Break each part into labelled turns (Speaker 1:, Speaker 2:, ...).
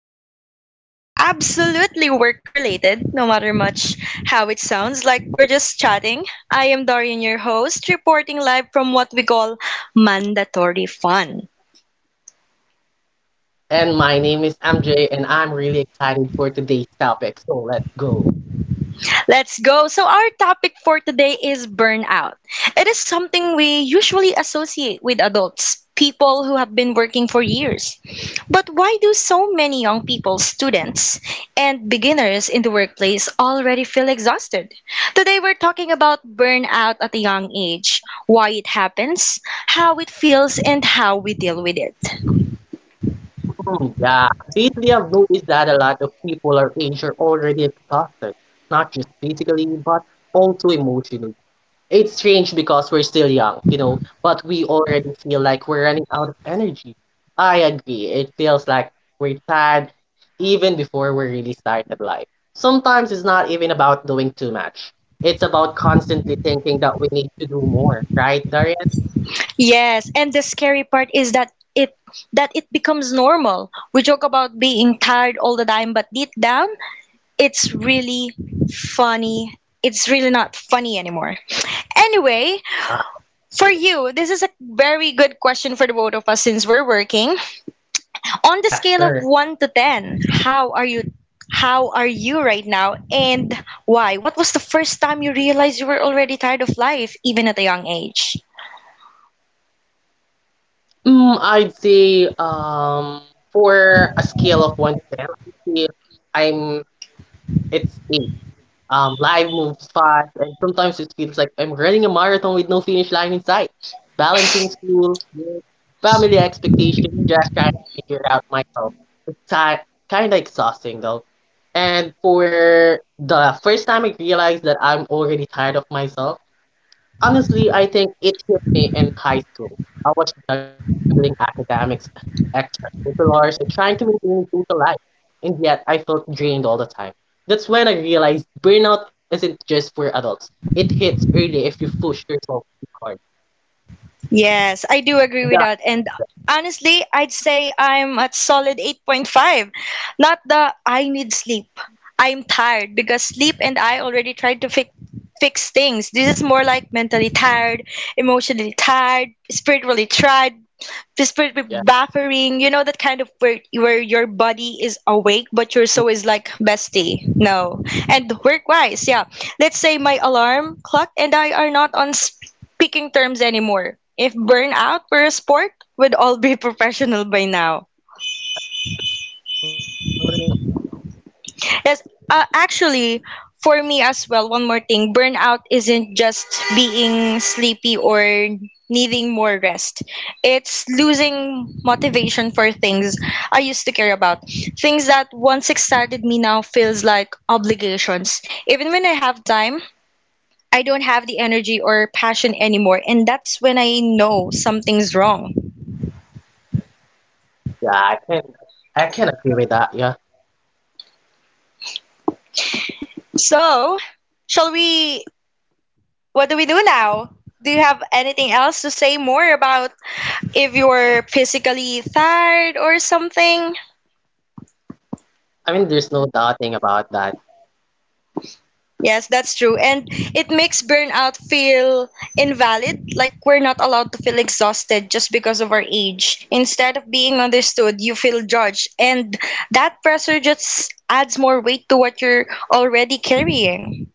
Speaker 1: episode is absolutely work related, no matter much how it sounds like we're just chatting. I am Dorian, your host, reporting live from what we call mandatory fun.
Speaker 2: And my name is MJ, and I'm really excited for today's topic. So let's go.
Speaker 1: Let's go. So, our topic for today is burnout. It is something we usually associate with adults, people who have been working for years. But why do so many young people, students, and beginners in the workplace already feel exhausted? Today, we're talking about burnout at a young age, why it happens, how it feels, and how we deal with it.
Speaker 2: Hmm, yeah, lately I've noticed that a lot of people our age are already exhausted, not just physically, but also emotionally. It's strange because we're still young, but we already feel like we're running out of energy. I agree. It feels like we're tired even before we really started life. Sometimes it's not even about doing too much. It's about constantly thinking that we need to do more, right, Darian?
Speaker 1: Yes, and the scary part is that it becomes normal. We joke about being tired all the time, but deep down, it's really funny. It's really not funny anymore. Anyway, for you, this is a very good question for the both of us since we're working. On the
Speaker 2: Yeah,
Speaker 1: scale of
Speaker 2: sure.
Speaker 1: 1 to 10, how are you right now and why? What was the first time you realized you were already tired of life even at a young age?
Speaker 2: Mm, I'd say for a scale of 1 to 10, I'd say I'm it's 8. Life moves fast, and sometimes it feels like I'm running a marathon with no finish line in sight. Balancing school, work, family expectations, just trying to figure it out myself. It's kind of exhausting though. And for the first time, I realized that I'm already tired of myself. Honestly, I think it hit me in high school. I was juggling academics, extracurriculars, and trying to maintain a social life, and yet I felt drained all the time. That's when I realized burnout isn't just for adults. It hits early if you push yourself too hard.
Speaker 1: Yes, I do agree with
Speaker 2: Yeah,
Speaker 1: that. And honestly, I'd say I'm at solid 8.5. Not the I need sleep. I'm tired because sleep and I already tried to fix things. This is more like mentally tired, emotionally tired, spiritually tired, despite
Speaker 2: yeah.
Speaker 1: buffering. You know that kind of where your body is awake but your soul is like bestie. No. And work wise, yeah. Let's say my alarm clock and I are not on speaking terms anymore. If burnout were a sport, we'd all be professional by now.
Speaker 2: Totally agree, though.
Speaker 1: Yes, actually, for me as well, one more thing, burnout isn't just being sleepy or needing more rest, it's losing motivation for things I used to care about. Things that once excited me now feels like obligations. Even when I have time, I don't have the energy or passion anymore, and that's when I know something's wrong.
Speaker 2: Yeah, I can agree with that. Yeah,
Speaker 1: So, shall we? What do we do now?
Speaker 2: yeah,
Speaker 1: Do you
Speaker 2: sure, sure.
Speaker 1: have anything else to say more about if you're physically tired or something?
Speaker 2: I mean, there's no doubting about that.
Speaker 1: Yes, that's true. And it makes burnout feel invalid, like we're not allowed to feel exhausted just because of our age. Instead of being understood, you feel judged. And that pressure just adds more weight to what you're already carrying.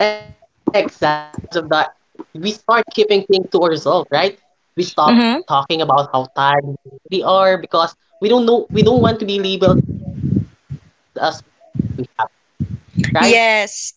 Speaker 2: Exactly. And because of that, we start keeping things to ourselves, right? We stop
Speaker 1: Hmm.
Speaker 2: talking about how tired we are because we don't know, we don't want to be labeled as weak or ungrateful for what we have, right?
Speaker 1: Yes,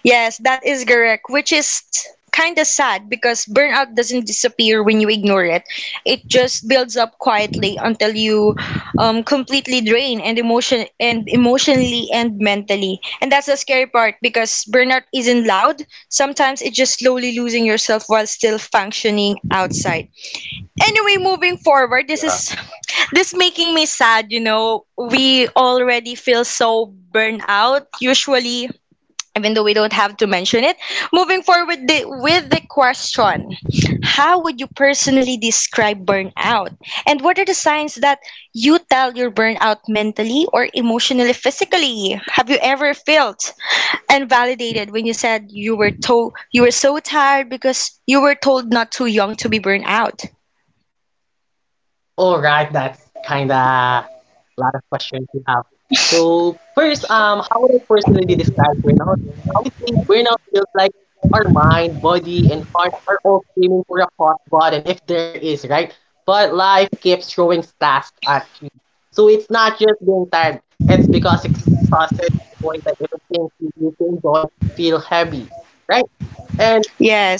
Speaker 1: yes, that is correct, which is kind of sad because burnout doesn't disappear when you ignore it. It just builds up quietly until you completely drain and emotionally and mentally. And that's the scary part because burnout isn't loud. Sometimes it's just slowly losing yourself while still functioning outside. Anyway, moving forward, this making me sad. We already feel so burnout, usually, even though we don't have to mention it. Moving forward with the question, how would you personally describe burnout? And what are the signs that you tell you're burnout mentally or emotionally, physically? Have you ever felt and validated when you said you were told you were so tired because you were told not too young to be burned out?
Speaker 2: All right, that's kind of a lot of questions you have. So first, how would I personally describe burnout? I would say burnout feels like our mind, body, and heart are all screaming for a hot button, if there is, right? But life keeps throwing tasks at you. So it's not just being tired, it's because exhausted point that everything you used to enjoy feel heavy, right? And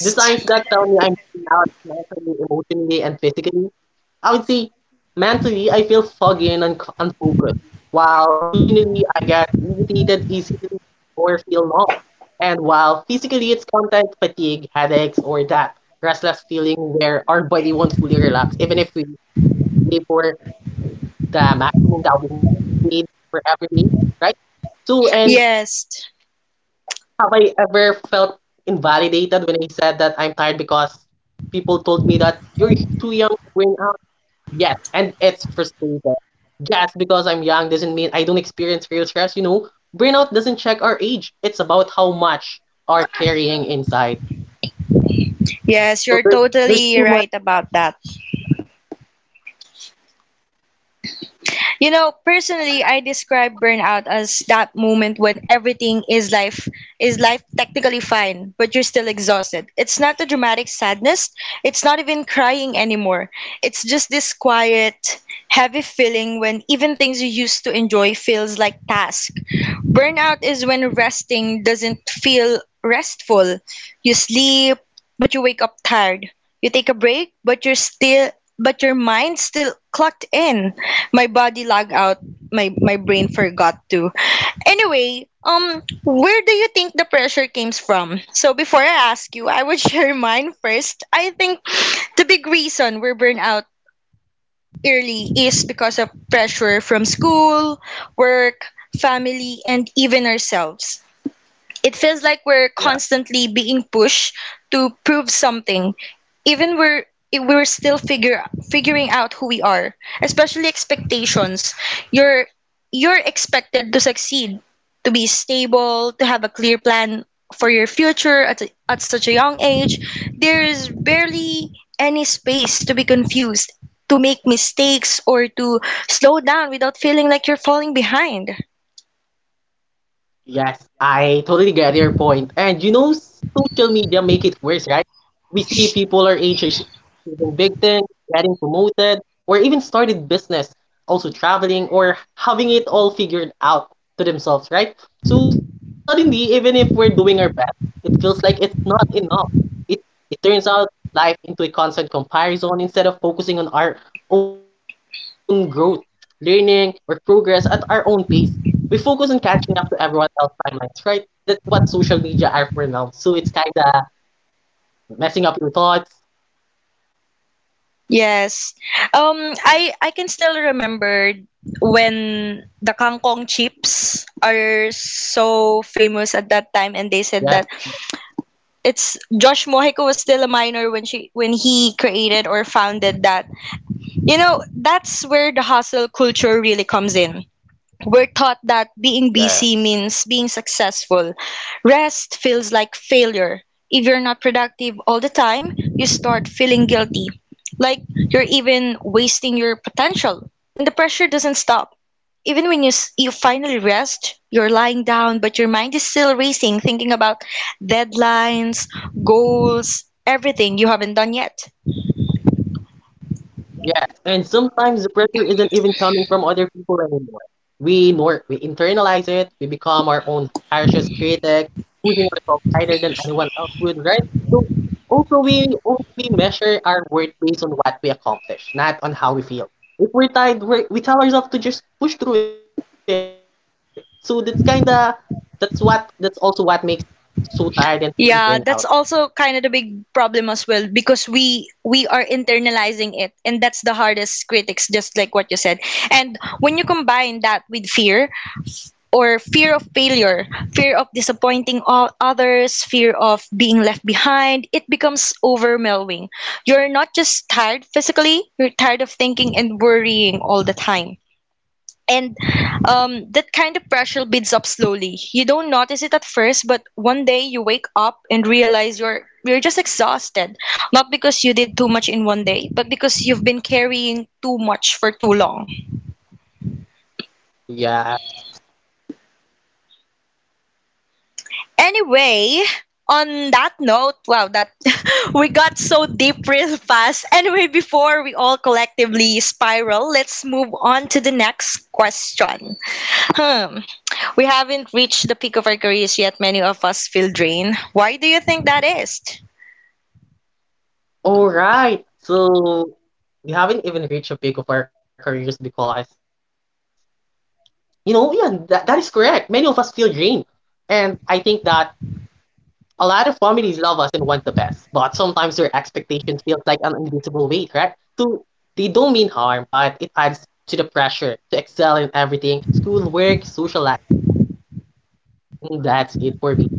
Speaker 2: the signs that tell me I'm burning out mentally, emotionally, and physically I would say mentally, I feel foggy and unc unfocused, while emotionally, I get irritated easily or feel numb. And while physically, it's content fatigue, headaches, or that restless feeling where our body won't fully relax, even if we live for the maximum that we need for everything, right? So, and
Speaker 1: Yes.
Speaker 2: have I ever felt invalidated when I said that I'm tired because people told me that you're too young to bring. Yes, and it's frustrating. Just because I'm young doesn't mean I don't experience real stress, you know? Burnout doesn't check our age. It's about how much are carrying inside.
Speaker 1: Yes,
Speaker 2: So
Speaker 1: you're
Speaker 2: there's
Speaker 1: totally
Speaker 2: too much.
Speaker 1: right about that. You know, personally, I describe burnout as that moment when everything is life technically fine, but you're still exhausted. It's not a dramatic sadness. It's not even crying anymore. It's just this quiet, heavy feeling when even things you used to enjoy feels like task. Burnout is when resting doesn't feel restful. You sleep, but you wake up tired. You take a break, but your mind's still clocked in. My body lag out. My brain forgot to. Anyway, where do you think the pressure came from? So before I ask you, I would share mine first. I think the big reason we're burned out early is because of pressure from school, work, family, and even ourselves. It feels like we're constantly being pushed to prove something, even we're if we're still figure figuring out who we are, especially expectations. You're you're expected to succeed, to be stable, to have a clear plan for your future at such a young age. There is barely any space to be confused, to make mistakes, or to slow down without feeling like you're falling behind.
Speaker 2: Yes, I totally get your point. And social media make it worse, right? We see people our age achieving big things, getting promoted, or even started business, also traveling or having it all figured out to themselves, right? So suddenly, even if we're doing our best, it feels like it's not enough. It it turns out life into a constant comparison instead of focusing on our own growth, learning, or progress at our own pace, we focus on catching up to everyone else's timelines, right? That's what social media are for now. So it's kind of messing up your thoughts.
Speaker 1: Yes. Um I can still remember when the kangkong chips are so famous
Speaker 2: Yeah,
Speaker 1: at that time, and they said that it's Josh Mojico was still a minor when he created or founded that. You know, that's where the hustle culture really comes in. We're taught that
Speaker 2: yeah.
Speaker 1: being busy means being successful. Rest feels like failure. If you're not productive all the time, you start feeling guilty, like you're even wasting your potential. And the pressure doesn't stop. Even when you finally rest, you're lying down, but your mind is still racing, thinking about deadlines, goals, everything you haven't done yet.
Speaker 2: Yes, and sometimes the pressure isn't even coming from other people anymore. We nor we internalize it, we become our own harshest critic, putting ourselves higher than anyone else would, right? So also we measure our worth based on what we accomplish, not on how we feel. If we're tired, we tell ourselves to just push through it. So that's also what makes us so tired and feeling burned out.
Speaker 1: Yeah, that's also kind of the big problem as well because we are internalizing it, and that's the hardest critics, just like what you said. And when you combine that with fear of failure, fear of disappointing all others, fear of being left behind, it becomes overwhelming. You're not just tired physically, you're tired of thinking and worrying all the time, and that kind of pressure builds up slowly. You don't notice it at first, but one day you wake up and realize you're just exhausted, not because you did too much in one day, but because you've been carrying too much for too long.
Speaker 2: Yeah.
Speaker 1: Anyway, on that note, wow, that we got so deep real fast. Anyway, before we all collectively spiral, let's move on to the next question. Hmm. We haven't reached the peak of our careers yet. Many of us feel drained. Why do you think that is?
Speaker 2: All right. So we haven't even reached a peak of our careers because yeah, that is correct. Many of us feel drained. And I think that a lot of families love us and want the best, but sometimes their expectations feels like an invisible weight, right? So they don't mean harm, but it adds to the pressure to excel in everything, school, work, social life. And that's it for me.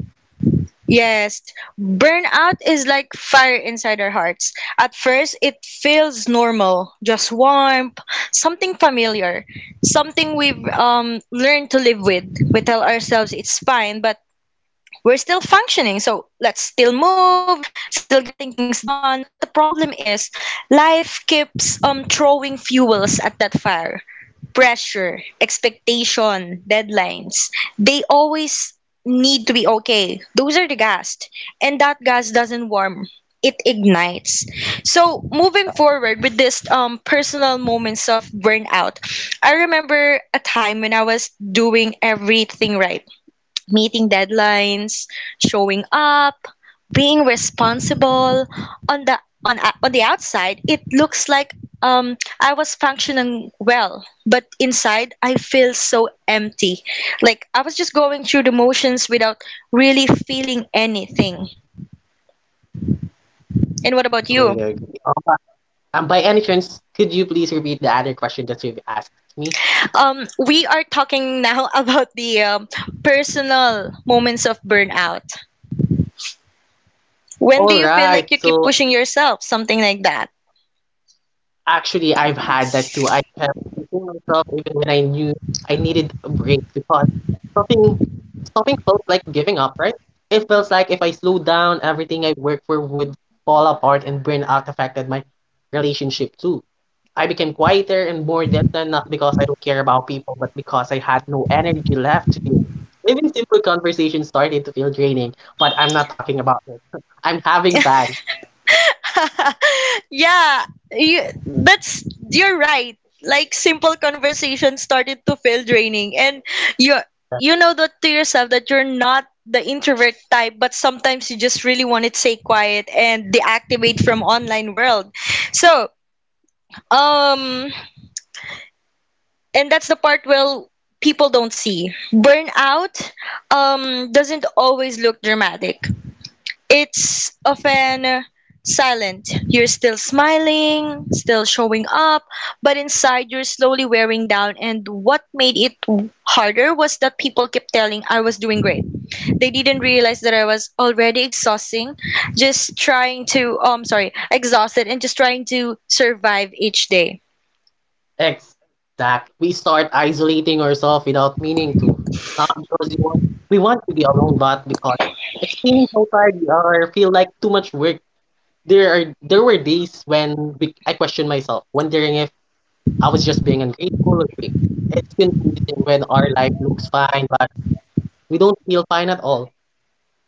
Speaker 1: Yes, burnout is like fire inside our hearts. At first, it feels normal, just warm, something familiar, something we've learned to live with. We tell ourselves it's fine, but we're still functioning. So let's still move, still getting things done. But the problem is life keeps throwing fuels at that fire. Pressure, expectation, deadlines. They always need to be okay. Those are the gas. And that gas doesn't warm. It ignites. So moving forward with this personal moments of burnout, I remember a time when I was doing everything right, meeting deadlines, showing up, being responsible. On the on the outside, it looks like I was functioning well, but inside I feel so empty, like I was just going through the motions without really feeling anything. And what about
Speaker 2: Totally
Speaker 1: you?
Speaker 2: agree. By any chance, could you please repeat the other question that you've asked me?
Speaker 1: We are talking now about the personal moments of burnout.
Speaker 2: All
Speaker 1: When do you
Speaker 2: right.
Speaker 1: feel like you
Speaker 2: So,
Speaker 1: keep pushing yourself? Something like that.
Speaker 2: actually, I've had that too. I kept pushing myself even when I knew I needed a break because stopping stopping felt like giving up, right? It feels like if I slowed down, everything I worked for would fall apart and burnout affected my relationship too. I became quieter and more distant not because I don't care about people, but because I had no energy left to do. Even simple conversations started to feel draining, but I'm not talking about it. I'm having fun.
Speaker 1: Yeah, you, that's you're right. Like simple conversation started to feel draining, and you you know that to yourself that you're not the introvert type, but sometimes you just really want to stay quiet and deactivate from online world. So, um, and that's the part, well, people don't see burnout doesn't always look dramatic, it's often silent. You're still smiling, still showing up, but inside you're slowly wearing down. And what made it harder was that people kept telling I was doing great. They didn't realize that I was already exhausting, just trying to, sorry, exhausted and just trying to survive each day.
Speaker 2: Exactly. We start isolating ourselves without meaning to. Not because we want to be alone, but because explaining how tired we are feel like too much work. There were days when I questioned myself, wondering if I was just being ungrateful or being. It's confusing when our life looks fine, but we don't feel fine at all.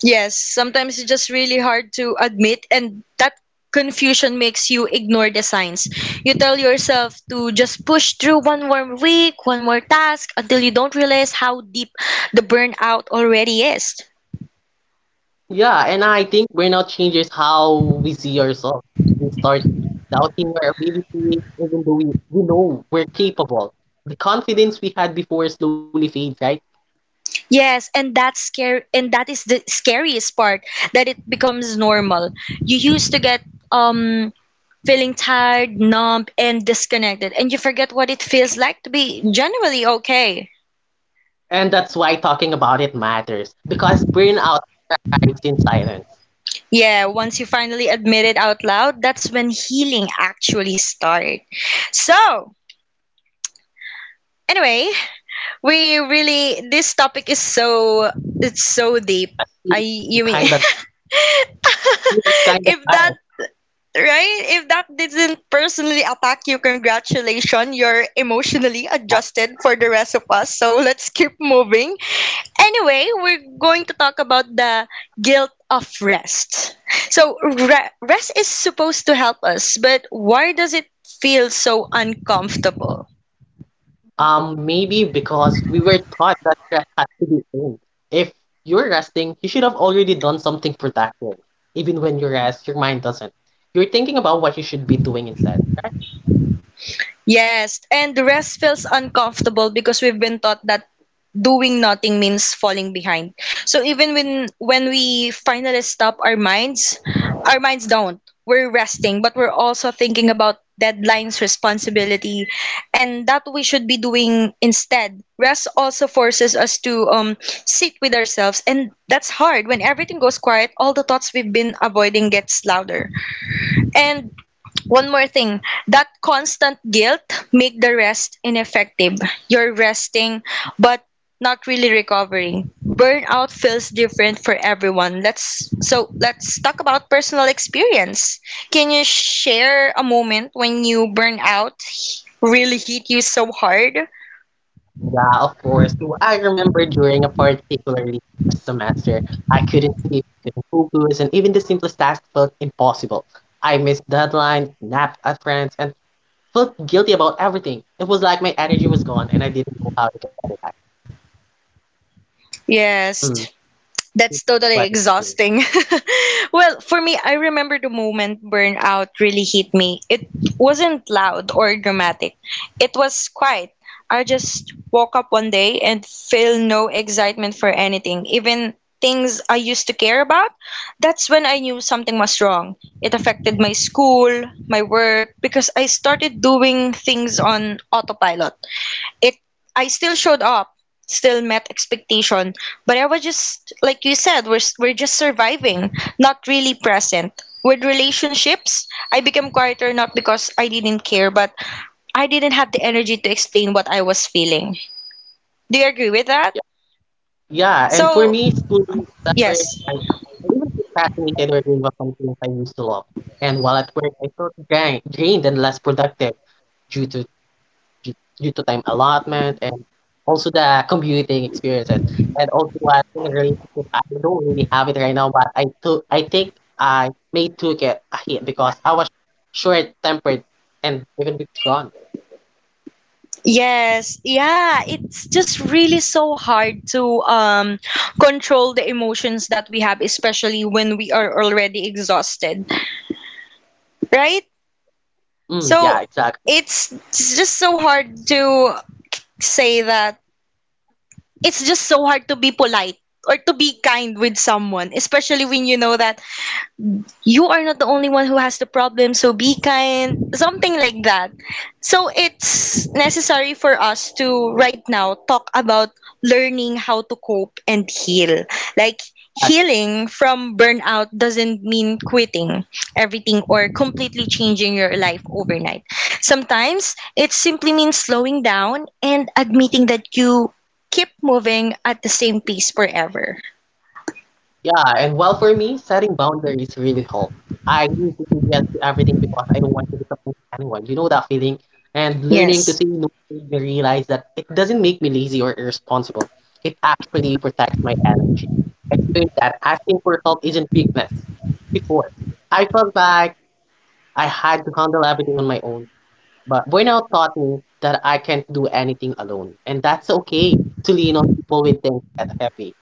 Speaker 1: Yes, sometimes it's just really hard to admit, and that confusion makes you ignore the signs. You tell yourself to just push through one more week, one more task, until you don't realize how deep the burnout already is.
Speaker 2: Yeah, and I think burnout changes how we see ourselves. We start doubting our abilities, even though we know we're capable. The confidence we had before slowly fades, right?
Speaker 1: Yes, and that's scary, and that is the scariest part that it becomes normal. You used to get um feeling tired, numb, and disconnected, and you forget what it feels like to be genuinely okay.
Speaker 2: And that's why talking about it matters because burnout thrives in silence.
Speaker 1: Yeah, once you finally admit it out loud, that's when healing actually starts. So, anyway, we really this topic is so deep. I You mean.
Speaker 2: Kind of, kind of
Speaker 1: if that
Speaker 2: like
Speaker 1: right if that didn't personally attack you, congratulations, you're emotionally
Speaker 2: that.
Speaker 1: adjusted for the rest of us, so let's keep moving. Anyway, we're going to talk about the guilt of rest. So, rest is supposed to help us, but why does it feel so uncomfortable?
Speaker 2: Maybe because we were taught that rest had to be earned. If you're resting, you should have already done something productive. Even when you rest, your mind doesn't. You're thinking about what you should be doing instead.
Speaker 1: Yes, and the rest feels uncomfortable because we've been taught that doing nothing means falling behind. So even when we finally stop our minds don't. We're resting, but we're also thinking about deadlines, responsibility, and that we should be doing instead. Rest also forces us to sit with ourselves, and that's hard. When everything goes quiet, all the thoughts we've been avoiding gets louder. And one more thing, that constant guilt make the rest ineffective. You're resting but not really recovering. Burnout feels different for everyone. Let's talk about personal experience. Can you share a moment when you burn out really hit you so hard?
Speaker 2: Yeah, of course. So I remember during a particularly tough semester, I couldn't sleep, couldn't focus, and even the simplest task felt impossible. I missed deadlines, napped at friends, and felt guilty about everything. It was like my energy was gone, and I didn't know how to get it back.
Speaker 1: Yes.
Speaker 2: Mm,
Speaker 1: That's
Speaker 2: that's
Speaker 1: totally
Speaker 2: what it is.
Speaker 1: exhausting. Well, for me, I remember the moment burnout really hit me. It wasn't loud or dramatic, it was quiet. I just woke up one day and feel no excitement for anything, even things I used to care about. That's when I knew something was wrong. It affected my school, my work, because I started doing things on autopilot it I still showed up, still met expectation, but I was just like you said, we're just surviving, not really present. With relationships, I became quieter not because I didn't care, but I didn't have the energy to explain what I was feeling. Do you agree with that?
Speaker 2: Yeah, and for
Speaker 1: So,
Speaker 2: me, school really suffered.
Speaker 1: yes.
Speaker 2: I even procrastinated or gave up on things I used to love. And while at work, I felt drained and less productive due to due due to time allotment and also the commuting experiences. And also what in a relationship, I don't really have it right now, but I think I may took it a hit because I was short tempered and even withdrawn.
Speaker 1: Yes, yeah, it's just really so hard to control the emotions that we have, especially when we are already exhausted, right?
Speaker 2: Mm,
Speaker 1: So
Speaker 2: yeah, exactly.
Speaker 1: it's just so hard to say that it's just so hard to be polite or to be kind with someone, especially when you know that you are not the only one who has the problem, so be kind, something like that. So it's necessary for us to right now talk about learning how to cope and heal. Like healing from burnout doesn't mean quitting everything or completely changing your life overnight. Sometimes it simply means slowing down and admitting that you keep moving at the same pace forever.
Speaker 2: Yeah, and well, for me, setting boundaries really help. I used to say yes to everything because I don't want to disappoint anyone. You know that feeling? And learning to
Speaker 1: Yes.
Speaker 2: say no made me realize that it doesn't make me lazy or irresponsible. It actually protects my energy. I learned that asking for help isn't weakness. Before, I felt like I had to handle everything on my own. But burnout taught me that I can't do anything alone, and that's okay to lean on people with things that heavy.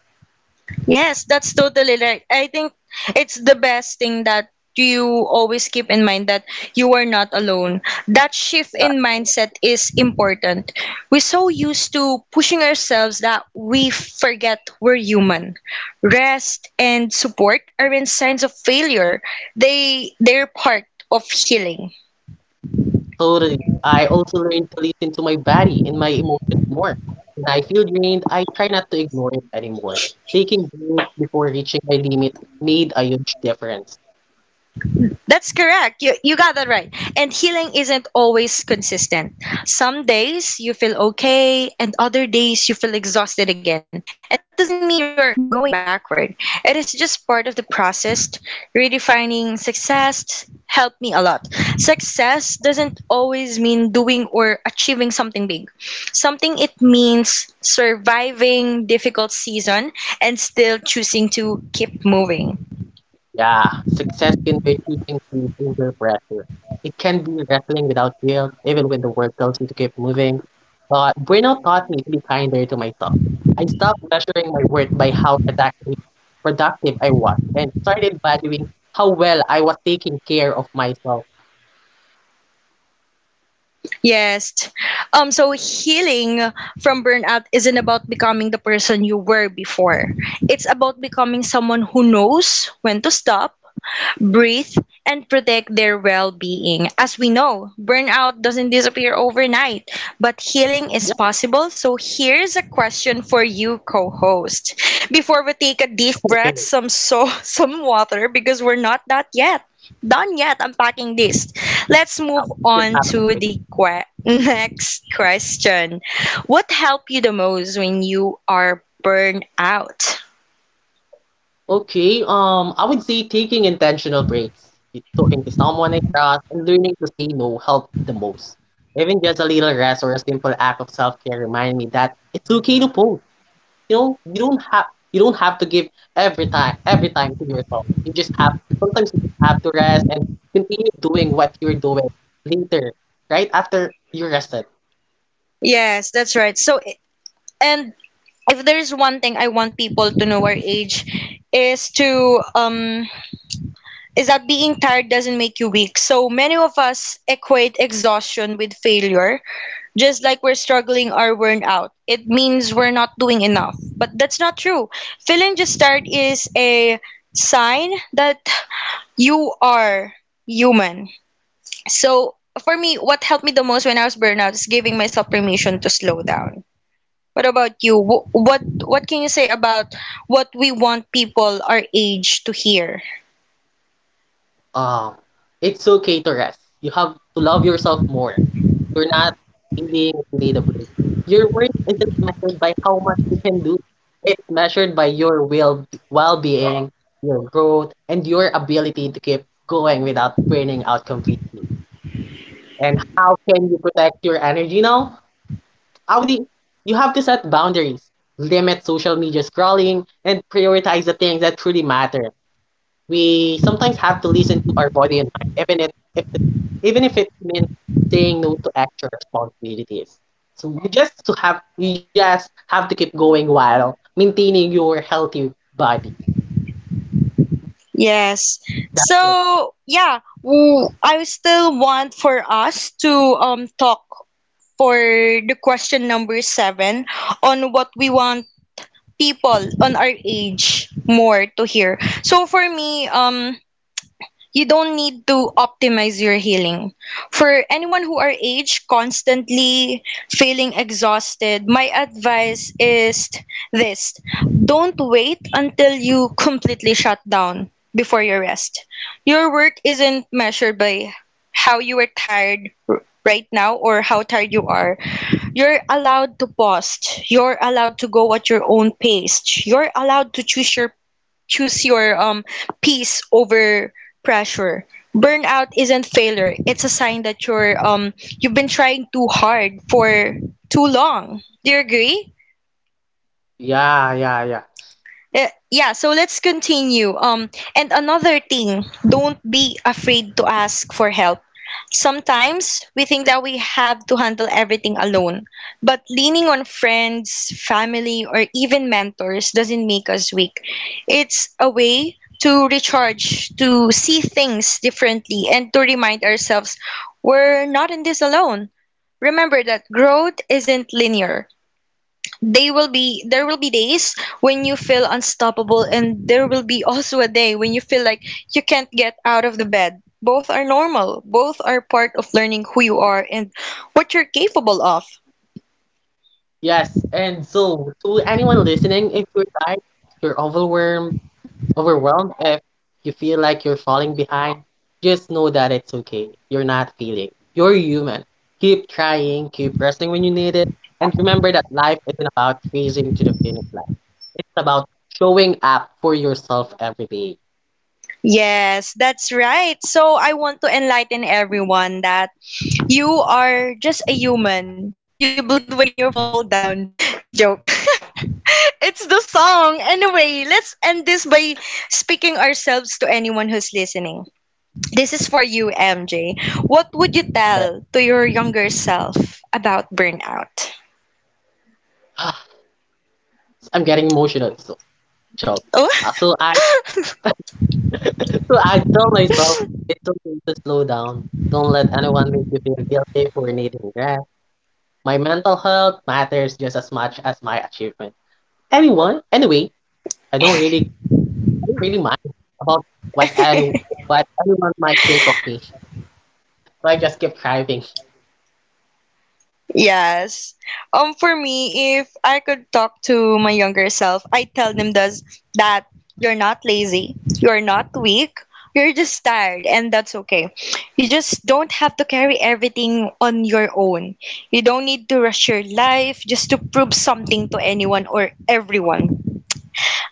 Speaker 1: Yes, that's totally right. I think it's the best thing that you always keep in mind that you are not alone. That shift
Speaker 2: Yeah.
Speaker 1: in mindset is important. We're so used to pushing ourselves that we forget we're human. Rest and support aren't signs of failure. They're part of healing.
Speaker 2: Totally. I also learned to listen to my body and my emotions more. When I feel drained, I try not to ignore it anymore. Taking breaks before reaching my limit made a huge difference.
Speaker 1: That's correct. You got that right. And healing isn't always consistent. Some days you feel okay, and other days you feel exhausted again. And that doesn't mean you're going backward, it is just part of the process. Redefining success helped me a lot. Success doesn't always mean doing or achieving something big, something it means surviving difficult season and still choosing to keep moving.
Speaker 2: Yeah, success can be choosing to under pressure. It can be wrestling without guilt, even when the work tells you to keep moving. But burnout taught me to be kinder to myself. I stopped measuring my worth by how productive I was and started valuing how well I was taking care of myself.
Speaker 1: Yes. So healing from burnout isn't about becoming the person you were before. It's about becoming someone who knows when to stop breathe, and protect their well being. As we know, burnout doesn't disappear overnight, but healing is
Speaker 2: Just
Speaker 1: possible. So here's a question for you, co host. Before we take a deep breath,
Speaker 2: comparing
Speaker 1: some some water because we're not that yet. Done yet unpacking this. Let's
Speaker 2: how-
Speaker 1: move
Speaker 2: just
Speaker 1: on
Speaker 2: having
Speaker 1: to
Speaker 2: a.
Speaker 1: the next question. What helped you the most when you are burned out?
Speaker 2: Okay, I would say taking intentional breaks, talking to someone I trust, and learning to say no help the most. Even just a little rest or a simple act of self-care remind me that it's okay to pause. You don't have to give every time to yourself. You just have sometimes you just have to rest and continue doing what you're doing later, right after you rested.
Speaker 1: Yes, that's right. So, and if there's one thing I want people to know our age is to um is that being tired doesn't make you weak. So many of us equate exhaustion with failure, just like we're struggling or worn out. It means we're not doing enough. But that's not true. Feeling just tired is a sign that you are human. So for me, what helped me the most when I was burnout is giving myself permission to slow down. What about you? What can you say about what we want people our age to hear?
Speaker 2: Um, it's okay to rest. You have to love yourself more. You're not being made-up. Your worth isn't measured by how much you can do. It's measured by your will, well-being, your growth, and your ability to keep going without burning out completely. And how can you protect your energy now? I would say you have to set boundaries, limit social media scrolling, and prioritize the things that truly matter. We sometimes have to listen to our body and mind, even if it, even if it means saying no to extra responsibilities. So you just have to keep going while maintaining your healthy body.
Speaker 1: Yes.
Speaker 2: That's it.
Speaker 1: So yeah, I still want for us to talk for the question number seven on what we want people on our age more to hear. So for me, you don't need to optimize your healing. For anyone who are aged, constantly feeling exhausted, my advice is this. Don't wait until you completely shut down before your rest. Your work isn't measured by how you are tired right now or how tired you are. You're allowed to pause. You're allowed to go at your own pace. You're allowed to choose your peace over pressure. Burnout isn't failure. It's a sign that you've been trying too hard for too long. Do you agree?
Speaker 2: Yeah, yeah, yeah.
Speaker 1: Yeah, so let's continue. And another thing, don't be afraid to ask for help. Sometimes we think that we have to handle everything alone, but leaning on friends, family, or even mentors doesn't make us weak. It's a way to recharge, to see things differently, and to remind ourselves we're not in this alone. Remember that growth isn't linear they will be there will be days when you feel unstoppable and there will be also a day when you feel like you can't get out of the bed both are normal both are part of learning who you are and what you're capable of
Speaker 2: Yes. And so to anyone listening, if you're tired, if you're overwhelmed, if you feel like you're falling behind, just know that it's okay. You're not failing. You're human. Keep trying, keep resting when you need it, and remember that life isn't about chasing to the finish line. It's about showing up for yourself every day.
Speaker 1: yes that's right so I want to enlighten everyone that you are just a human you bleed when you fall down joke it's the song anyway let's end this by speaking ourselves to anyone who's listening. This is for you, MJ. What would you
Speaker 2: Right?
Speaker 1: tell to your younger self about burnout?
Speaker 2: I'm getting emotional. So, so,
Speaker 1: Oh.
Speaker 2: so I So I tell myself it's okay to slow down. Don't let anyone make you feel guilty for needing rest. My mental health matters just as much as my achievement. Anyone anyway, I don't really I don't really mind about what any what anyone might think of me. So I just keep thriving.
Speaker 1: Yes. For me, if I could talk to my younger self, I tell them does that you're not lazy, you're not weak, you're just tired and that's okay. You just don't have to carry everything on your own. You don't need to rush your life just to prove something to anyone or everyone.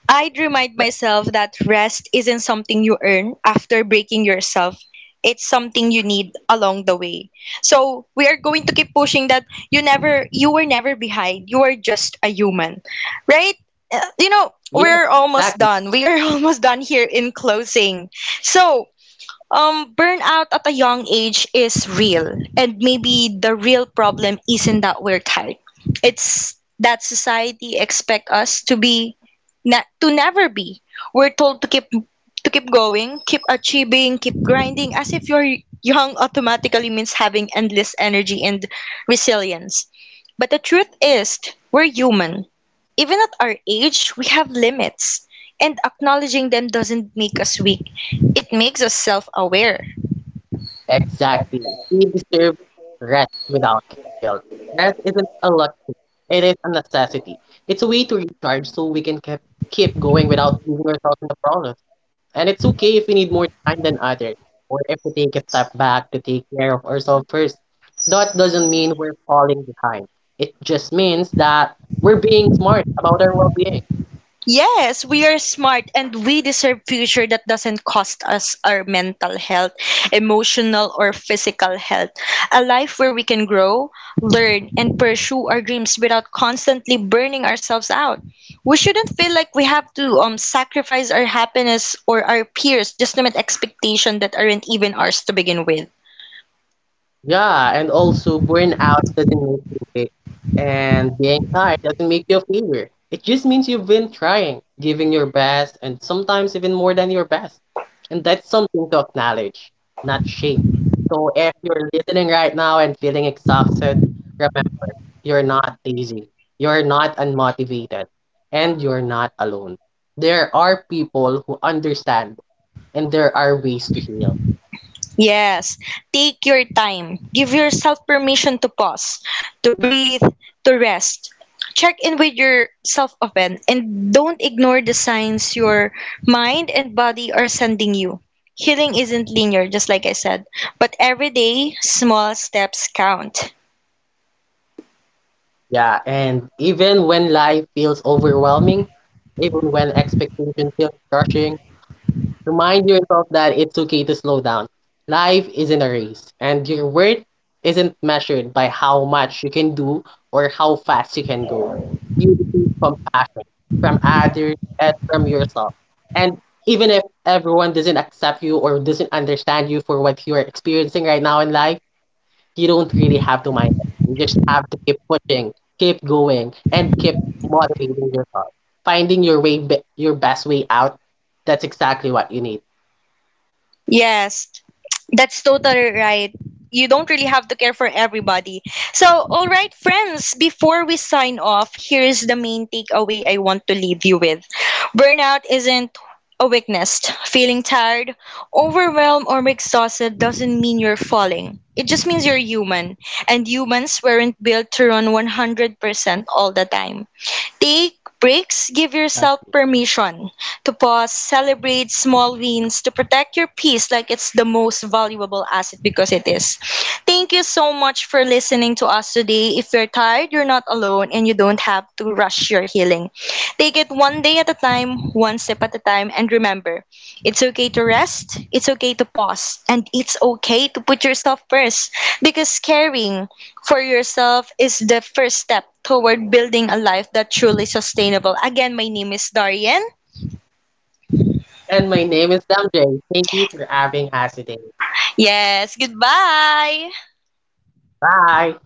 Speaker 1: I'd
Speaker 2: That-
Speaker 1: remind myself that rest isn't something you earn after breaking yourself. It's something you need along the way. So we are going to keep pushing that you were never behind. You are just a human. Right? You know,
Speaker 2: Yes,
Speaker 1: we're almost
Speaker 2: exactly.
Speaker 1: done. We are almost done here in closing. So burnout at a young age is real, and maybe the real problem isn't that we're tired. It's that society expect us to be, to never be. We're told to keep going, keep achieving, keep grinding, as if you're young automatically means having endless energy and resilience. But the truth is, we're human. Even at our age, we have limits, and acknowledging them doesn't make us weak. It makes us self-aware.
Speaker 2: Exactly. We deserve rest without guilt. Rest isn't a luxury. It is a necessity. It's a way to recharge so we can keep going without losing ourselves in the process. And it's okay if we need more time than others, or if we take a step back to take care of ourselves first. That doesn't mean we're falling behind. It just means that we're being smart about our well being.
Speaker 1: Yes, we are smart and we deserve future that doesn't cost us our mental health, emotional or physical health. A life where we can grow, learn and pursue our dreams without constantly burning ourselves out. We shouldn't feel like we have to sacrifice our happiness or our peers just to meet expectations that aren't even ours to begin with.
Speaker 2: Yeah, and also burnout doesn't make you weak, and being tired doesn't make you a failure. It just means you've been trying, giving your best, and sometimes even more than your best. And that's something to acknowledge, not shame. So if you're listening right now and feeling exhausted, remember. You're not lazy. You're not unmotivated. And you're not alone. There are people who understand, and there are ways to heal.
Speaker 1: Yes, take your time. Give yourself permission to pause, to breathe, to rest. Check in with yourself often and don't ignore the signs your mind and body are sending you. Healing isn't linear, just like I said, but every day, small steps count.
Speaker 2: Yeah, and even when life feels overwhelming, even when expectations feel crushing, remind yourself that it's okay to slow down. Life isn't a race, and your worth isn't measured by how much you can do or how fast you can go. You receive compassion from others and from yourself. And even if everyone doesn't accept you or doesn't understand you for what you are experiencing right now in life, you don't really have to mind it. You just have to keep pushing, keep going, and keep motivating yourself. Finding your way, your best way out. That's exactly what you need.
Speaker 1: Yes, that's totally right. You don't really have to care for everybody. So, all right, friends, before we sign off, here's the main takeaway I want to leave you with burnout isn't a weakness. Feeling tired, overwhelmed, or exhausted doesn't mean you're falling. It just means you're human, and humans weren't built to run 100% all the time. Take breaks, give yourself permission to pause, celebrate small wins, to protect your peace like it's the most valuable asset because it is. Thank you so much for listening to us today. If you're tired, you're not alone and you don't have to rush your healing. Take it one day at a time, one step at a time, and remember it's okay to rest, it's okay to pause, and it's okay to put yourself first because caring for yourself is the first step toward building a life that's truly sustainable. Again, my name is Darian.
Speaker 2: And my name is Damjay. Thank you for having us today.
Speaker 1: Yes, goodbye.
Speaker 2: Bye.